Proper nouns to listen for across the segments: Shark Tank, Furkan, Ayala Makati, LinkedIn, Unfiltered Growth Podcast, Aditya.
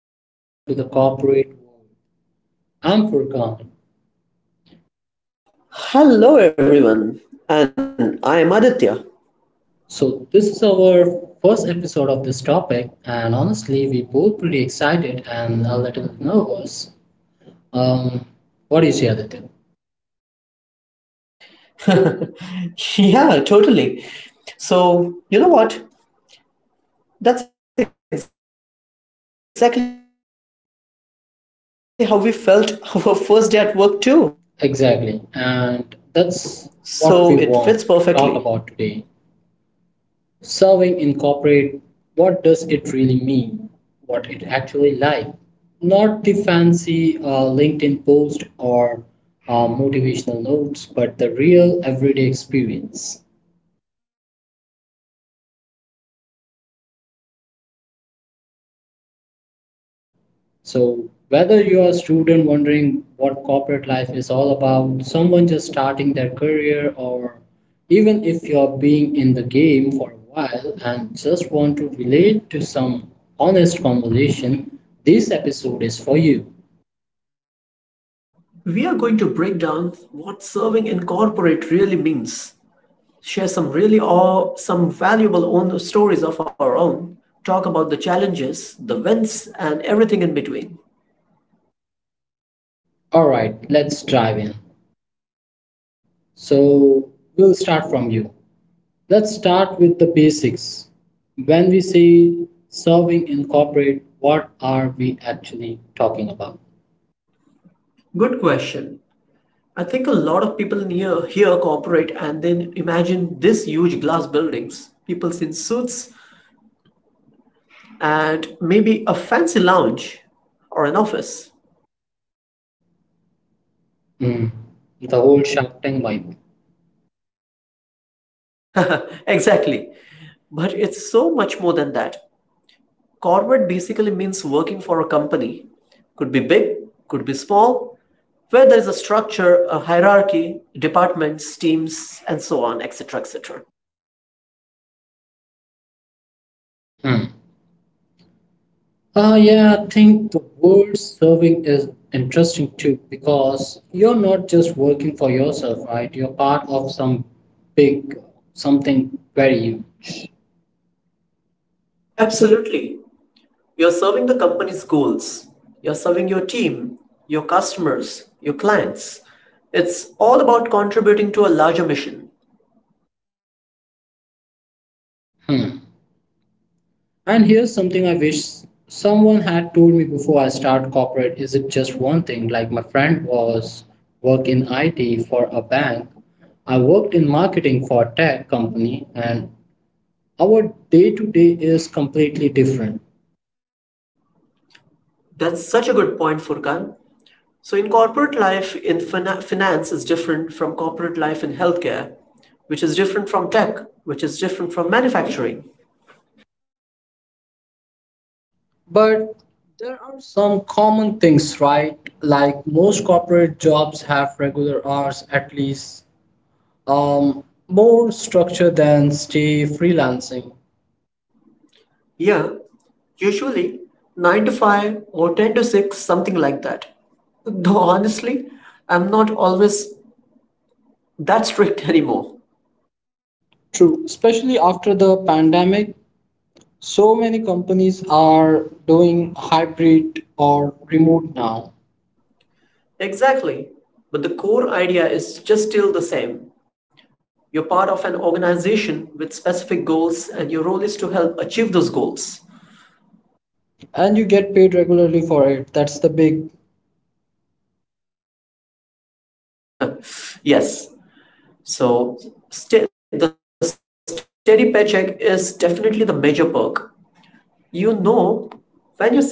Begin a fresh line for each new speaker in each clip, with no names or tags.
welcome to the corporate world. I'm Furkan.
Hello, everyone, and I am Aditya.
So, this is our first episode of this topic, and honestly, we both pretty excited and a little nervous. Um, what do you say, Aditya?
Yeah, totally. So, you know what? That's exactly how we felt our first day at work, too. So, it
Exactly,
fits
and
perfectly.
that's what we want to talk about today. Serving incorporate what does it really mean, what it actually like, not the fancy LinkedIn post or motivational notes, but the real everyday experience.
The good, the bad, the coffee runs,
Perfect.
the money
So,
meetings, all
whether
of it.
you're a student wondering what corporate life is all about, someone just starting their career, or even if you're being in the game for a while and just want to relate to some honest conversation, this episode is for you.
We are going to break down what serving in corporate really means, share some some valuable own stories of our own, talk about the challenges, the wins, and everything in between.
All right, let's dive in. So, we'll start from you. Let's start with the basics. When we say serving in corporate, what are we actually talking about?
Good question. I think a lot of people near here cooperate and then imagine this huge glass buildings, people in suits, and maybe a fancy lounge or an office.
Hmm. The whole Shark Tank vibe.
Exactly. But it's so much more than that. Corporate basically means working for a company. Could be big, could be small, where there is a structure, a hierarchy, departments, teams, and so on, etc. etc.
Hmm. Yeah, I think the word serving is interesting too because you're not just working for yourself, right? You're part of some big something very you.
Absolutely. You're serving the company's goals. You're serving your team, your customers, your clients. It's all about contributing to a larger mission.
Hmm. And here's something I wish someone had told me before I start corporate is it just one thing, like my friend was work in IT for a bank, I worked in marketing for a tech company, and our day to day is completely different.
That's such a good point, Furkan. So, in corporate life, in finance is different from corporate life in healthcare, which is different from tech, which is different from manufacturing.
But there are some common things, right? Like most corporate jobs have regular hours at least, um, more structure than stay freelancing.
Yeah, usually 9 to 5 or 10 to 6, something like that. Though honestly, I'm not always that strict anymore.
True, especially after the pandemic, so many companies are doing hybrid or remote now.
Exactly. But the core idea is just still the same. You're part of an organization with specific goals, and your role is to help achieve those goals.
And you get paid regularly for it, that's the big.
Yes. So, the steady paycheck is definitely the major perk. You know when your salary is going coming.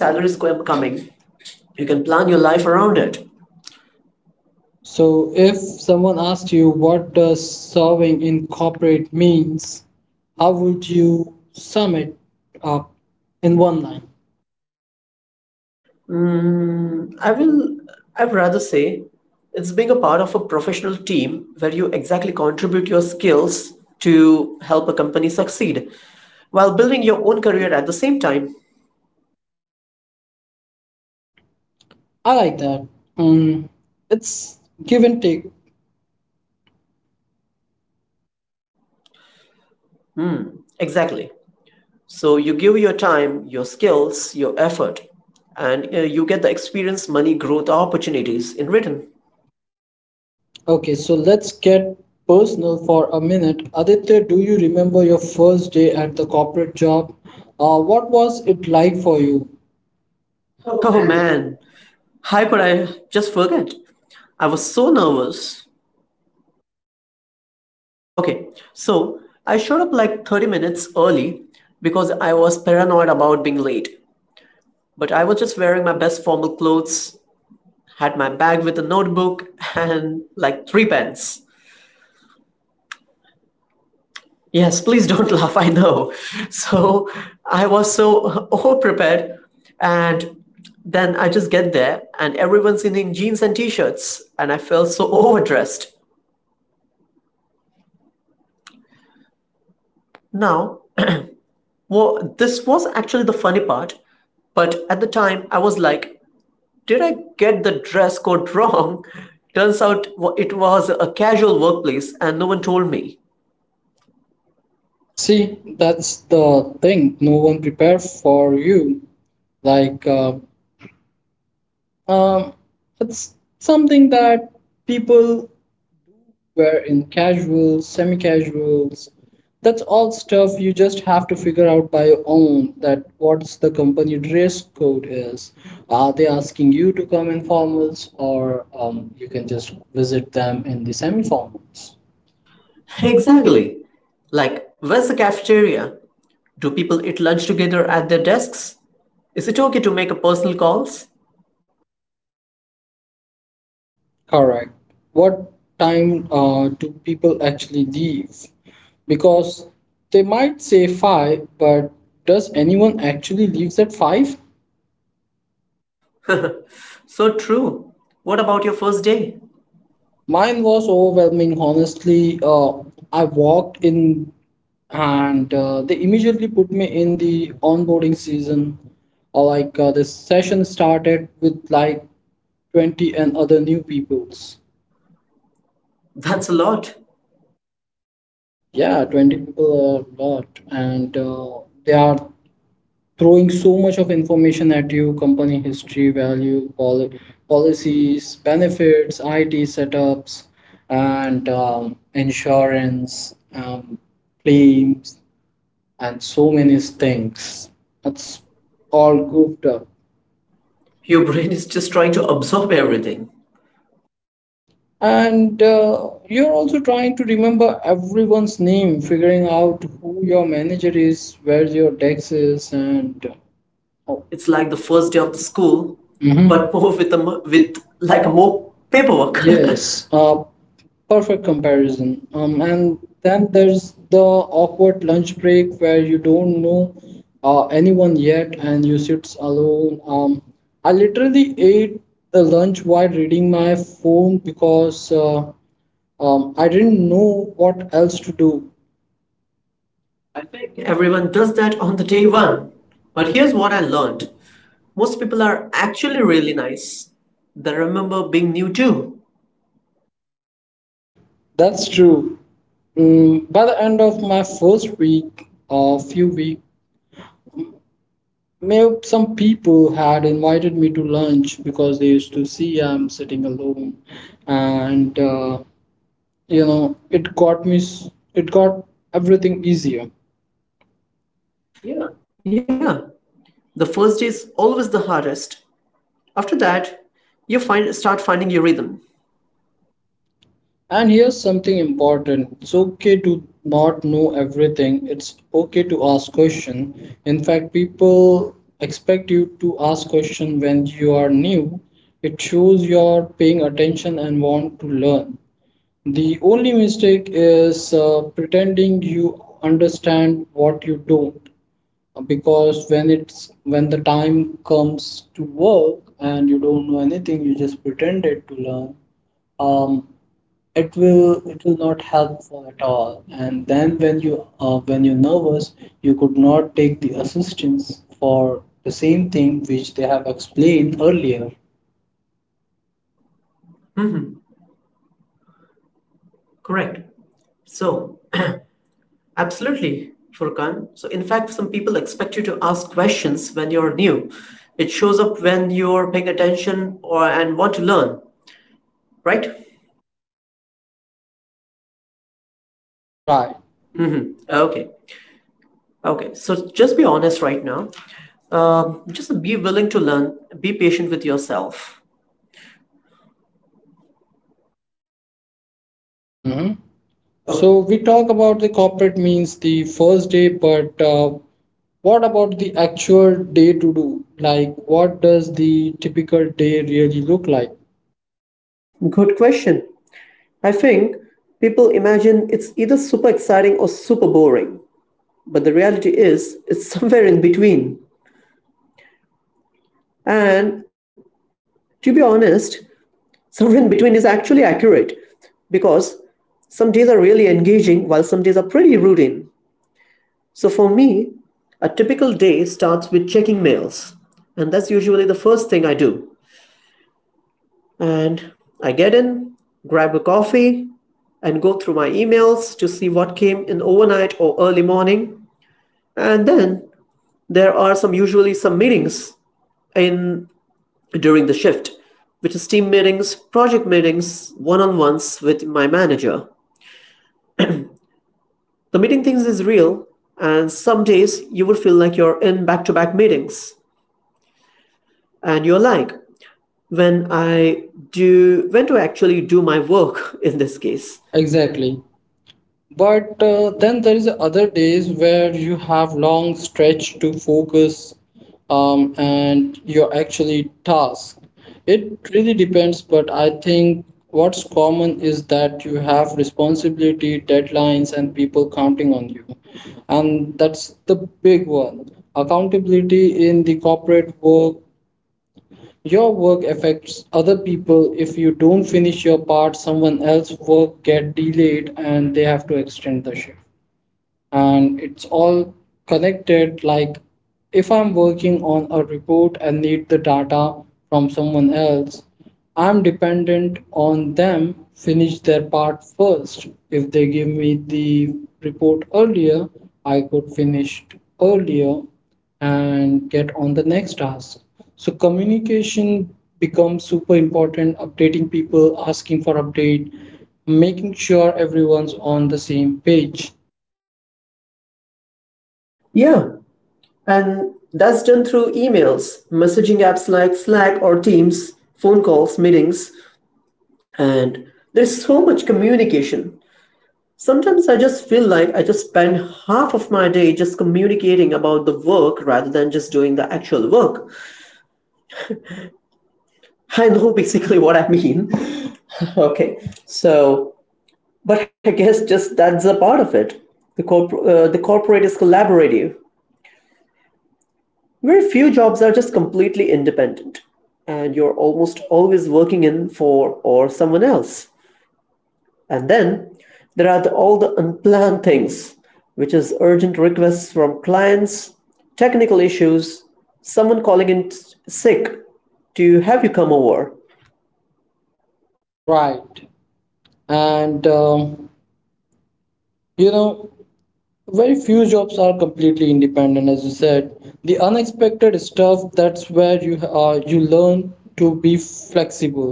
You can plan your life around it.
So if someone asked you what does serving in corporate means, how would you sum it up in one line?
I will. I'd rather say it's being a part of a professional team where you exactly contribute your skills to help a company succeed while building your own career at the same time.
I like that. um, it's give and take.
Exactly. So you give your time, your skills, your effort, and you get the experience, money, growth, opportunities in return.
Okay, so let's get personal for a minute. Aditya, do you remember your first day at the corporate job? What was it like for you?
Oh man, how could I just forget? I was so nervous. Okay, so I showed up like 30 minutes early because I was paranoid about being late. But I was just wearing my best formal clothes, had my bag with a notebook and like three pens. Yes, please don't laugh. I know. So I was so overprepared. And then I just get there, and everyone's in jeans and t shirts. And I felt so overdressed. Now, well, this was actually the funny part. But at the time, I was like, did I get the dress code wrong? Turns out it was a casual workplace, and no one told me.
See, that's the thing. No one prepared for you. Like, um, it's something that people wear in casuals, semi casuals. That's all stuff you just have to figure out by your own that what's the company dress code is. Are they asking you to come in formals or you can just visit them in the semi formals?
Exactly. Like, where's the cafeteria? Do people eat lunch together at their desks? Is it okay to make a personal calls?
Correct. What time do people actually leave? Because they might say 5, but does anyone actually leave at 5?
So true. What about your first day?
Mine was overwhelming, honestly. I walked in and they immediately put me in the onboarding season. Or like the session started with like 20 and other new peoples.
That's a lot.
Yeah, 20 people are a lot, and they are throwing so much of information at you, company history, value policies, benefits, it setups, and insurance claims, and so many things that's all goofed up.
Your brain is just trying to absorb everything.
And you're also trying to remember everyone's name, figuring out who your manager is, where your desk is, and uh,
It's like the first day of the school,
mhm.
but more with a mo- with like more paperwork.
Yes, perfect comparison. And then there's the awkward lunch break where you don't know anyone yet and you sit alone. I literally ate the lunch while reading my phone because I didn't know what else to do.
I think everyone does that on the day one. But here's what I learned. Most people are actually really nice. They remember being new too.
That's true. Mm, by the end of my first week, a few weeks May- some people had invited me to lunch because they used to see I'm sitting alone, and you know, it got it got everything easier.
Yeah, the first day is always the hardest. After that, you find start finding your rhythm.
And here's something important. It's okay to not know everything. It's okay to ask question. In fact, people expect you to ask question when you are new. It shows you're paying attention and want to learn. The only mistake is pretending you understand what you don't, because when the time comes to work and you don't know anything, you just pretended to learn, um, it will not helpful at all. And then when you when you're nervous, you could not take the assistance for the same thing which they have explained earlier.
Correct. So, absolutely, Furkan. So, in fact, some people expect you to ask questions when you're new. It shows up when you're paying attention or and want to learn, right?
Right.
Mm-hmm. Okay. Okay. So, just be honest right now. Just be willing to learn. Be patient with yourself.
Mm-hmm. So we
Okay.
talk about the corporate means the first day, but what about the actual day to do? Like, what does the typical day really look like?
Good question. I think people imagine it's either super exciting or super boring, but the reality is it's somewhere in between. And to be honest, somewhere in between is actually accurate because some days are really engaging while some days are pretty routine. So for me, a typical day starts with checking mails, and that's usually the first thing I do. And I get in, grab a coffee, and go through my emails to see what came in overnight or early morning. And then there are some usually some meetings in during the shift, which is team meetings, project meetings, one-on-ones with my manager. The meeting things is real, and some days you would feel like you're in back to back meetings. And you're like, when I when do I actually do my work in this case?
Exactly. But then there is other days where you have long stretch to focus, and you're actually task. It really depends, but I think what's common is that you have responsibility, deadlines, and people counting on you. And that's the big one. Accountability in the corporate work, your work affects other people. If you don't finish your part, someone else's work get delayed and they have to extend the shift, and it's all connected. Like if I'm working on a report and need the data from someone else, I'm dependent on them finish their part first. If they give me the report earlier, I could finish earlier and get on the next task. So communication becomes super important, updating people, asking for update, making sure everyone's on the same page.
Yeah, and that's done through emails, messaging apps like Slack or Teams, phone calls, meetings, and there's so much communication. Sometimes I just feel like I just spend half of my day just communicating about the work rather than just doing the actual work. I know basically what I mean. Okay, so, but I guess just that's a part of it. The corporate is collaborative. Very few jobs are just completely independent, and you're almost always working in for or someone else. And then there are all the unplanned things, which is urgent requests from clients, technical issues, someone calling in sick to have you come over.
Right. And you know, very few jobs are completely independent, as you said. The unexpected stuff, that's where you you learn to be flexible.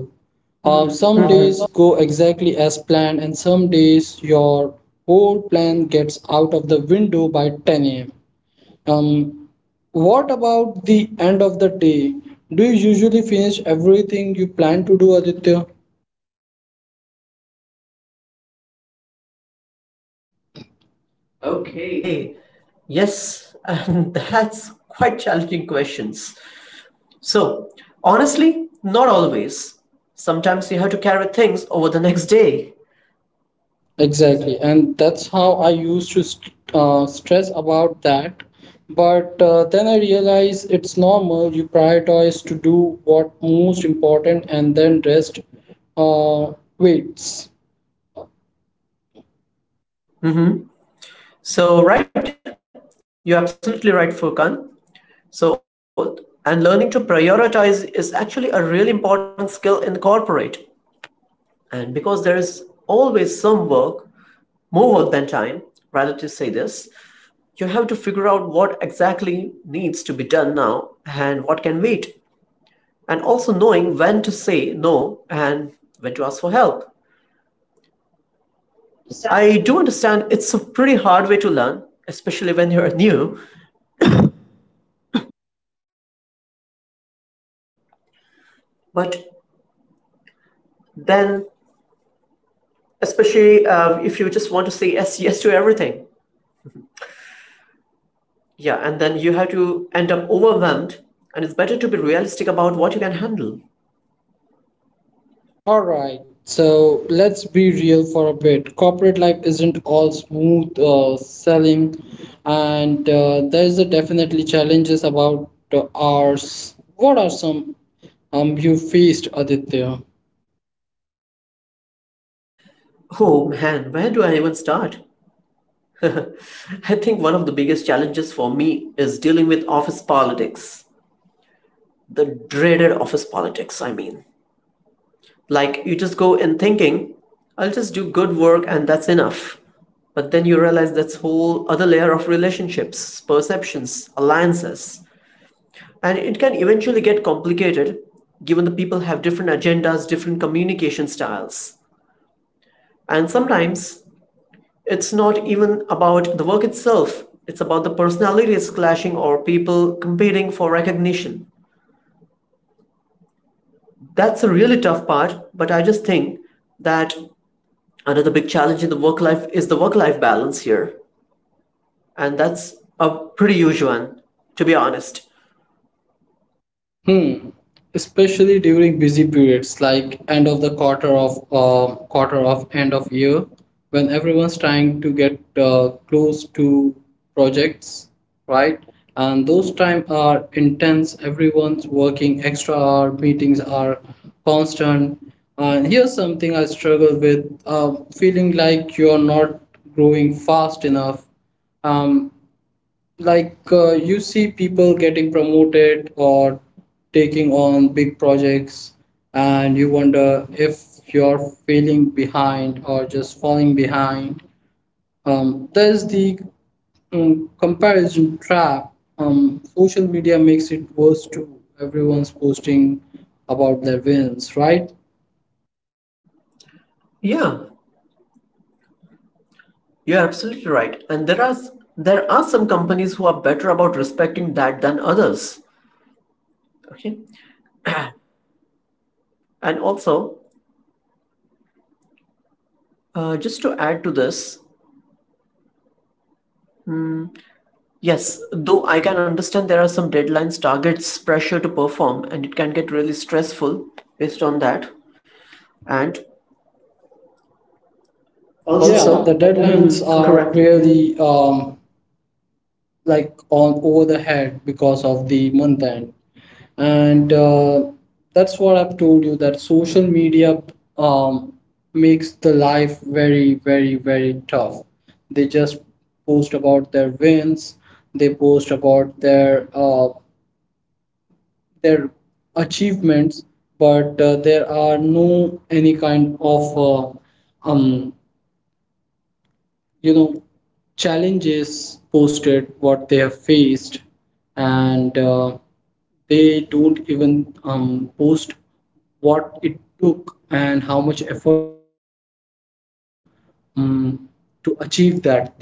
Hmm.
Oh.
Some days go exactly as planned, and some days your whole plan gets out of the window by 10 a.m. Um, what about the end of the day? Do you usually finish everything you plan to do, Aditya?
Okay. Yes, and that's quite challenging questions. So, honestly, not always. Sometimes you have to carry things over the next day.
Exactly, and that's how I used to st stress about that. But then I realized it's normal. You prioritize to do what most important, and then rest uh, waits.
So, right, you're absolutely right, Furkan. So, and learning to prioritize is actually a really important skill in corporate. And because there is always some work, more work than time, rather to say this, you have to figure out what exactly needs to be done now and what can wait. And also knowing when to say no and when to ask for help. I do understand it's a pretty hard way to learn, especially when you're new, but then, especially if you just want to say yes, yes to everything. Yeah, and then you have to end up overwhelmed, and it's better to be realistic about what you can handle.
All right, so let's be real for a bit. Corporate life isn't all smooth sailing, and there's a definitely challenges about hours. What are some you faced, Aditya?
Oh man, where do I even start? I think one of the biggest challenges for me is dealing with office politics. The dreaded office politics, I mean. Like you just go in thinking, I'll just do good work and that's enough. But then you realize that's whole other layer of relationships, perceptions, alliances. And it can eventually get complicated given the people have different agendas, different communication styles. And sometimes it's not even about the work itself, it's about the personalities clashing or people competing for recognition. That's a really tough part, but I just think that another big challenge in the work life is the work life balance here, and that's a pretty huge one, to be honest.
Hmm. Especially during busy periods like end of the quarter of end of year, when everyone's trying to get close to projects, right? And those time are intense. Everyone's working extra hour. Meetings are constant. And here's something I struggle with: feeling like you're not growing fast enough. Um, like you see people getting promoted or taking on big projects, and you wonder if you're failing behind or just falling behind. There's the comparison trap. Social media makes it worse too, everyone's posting about their wins, right?
Yeah, you're absolutely right, and there are some companies who are better about respecting that than others. Okay. And also, just to add to this, yes, though I can understand there are some deadlines, targets, pressure to perform, and it can get really stressful based on that. And
Also, yeah,
also,
the
hmm,
deadlines are
correct.
really like all over the head because of the month end. And that's what I've told you, that social media um, makes the life very tough. They just post about their wins, they post about their their achievements. But there are no any kind of you know, challenges posted what they have faced. And they don't even post what it took and how much effort they have given, um, to achieve that thing.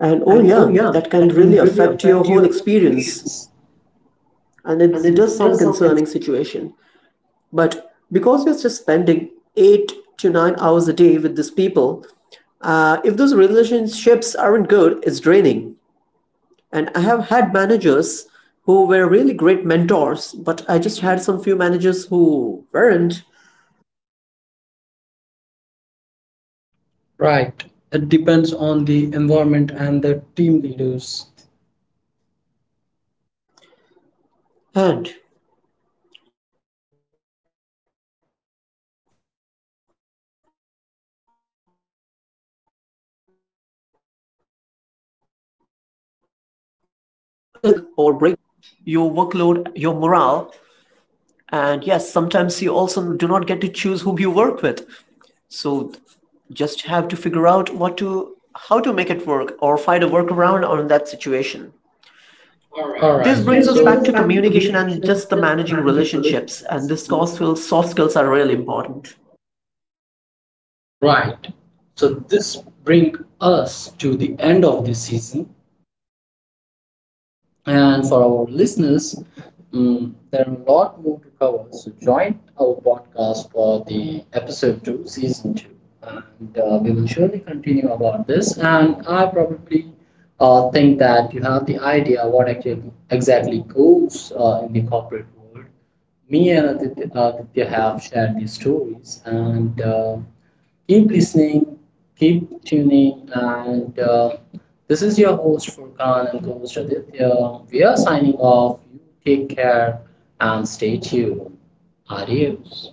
And oh, yeah, that can really affect your whole experience. And it does some concerning situation. But because you're just spending 8 to 9 hours a day with these people, if those relationships aren't good, it's draining. And I have had managers who were really great mentors, but I just had some few managers who weren't.
Right, it depends on the environment and the team leaders.
And now let's literally get serious about this. So, your manager can make or break your experience. They also have so much influence over your growth, your workload, your morale. And yes, sometimes you also do not get to choose whom you work with. So just have to figure out what to how to make it work or find a workaround on that situation. All
All
right. This
right,
brings us back
so
to communication and just the managing relationships, and this soft skills are really important.
right. So this brings us to the end of this season. And for our listeners, mm, there are a lot more to cover. So join our podcast for the episode two, season two, and we will surely continue about this. And I probably think that you have the idea what actually exactly goes in the corporate world. Me and Aditya have shared these stories, and. Keep listening, keep tuning, and this is your host Furkan and co-host Aditya. We are signing off. You take care and stay tuned. Adios.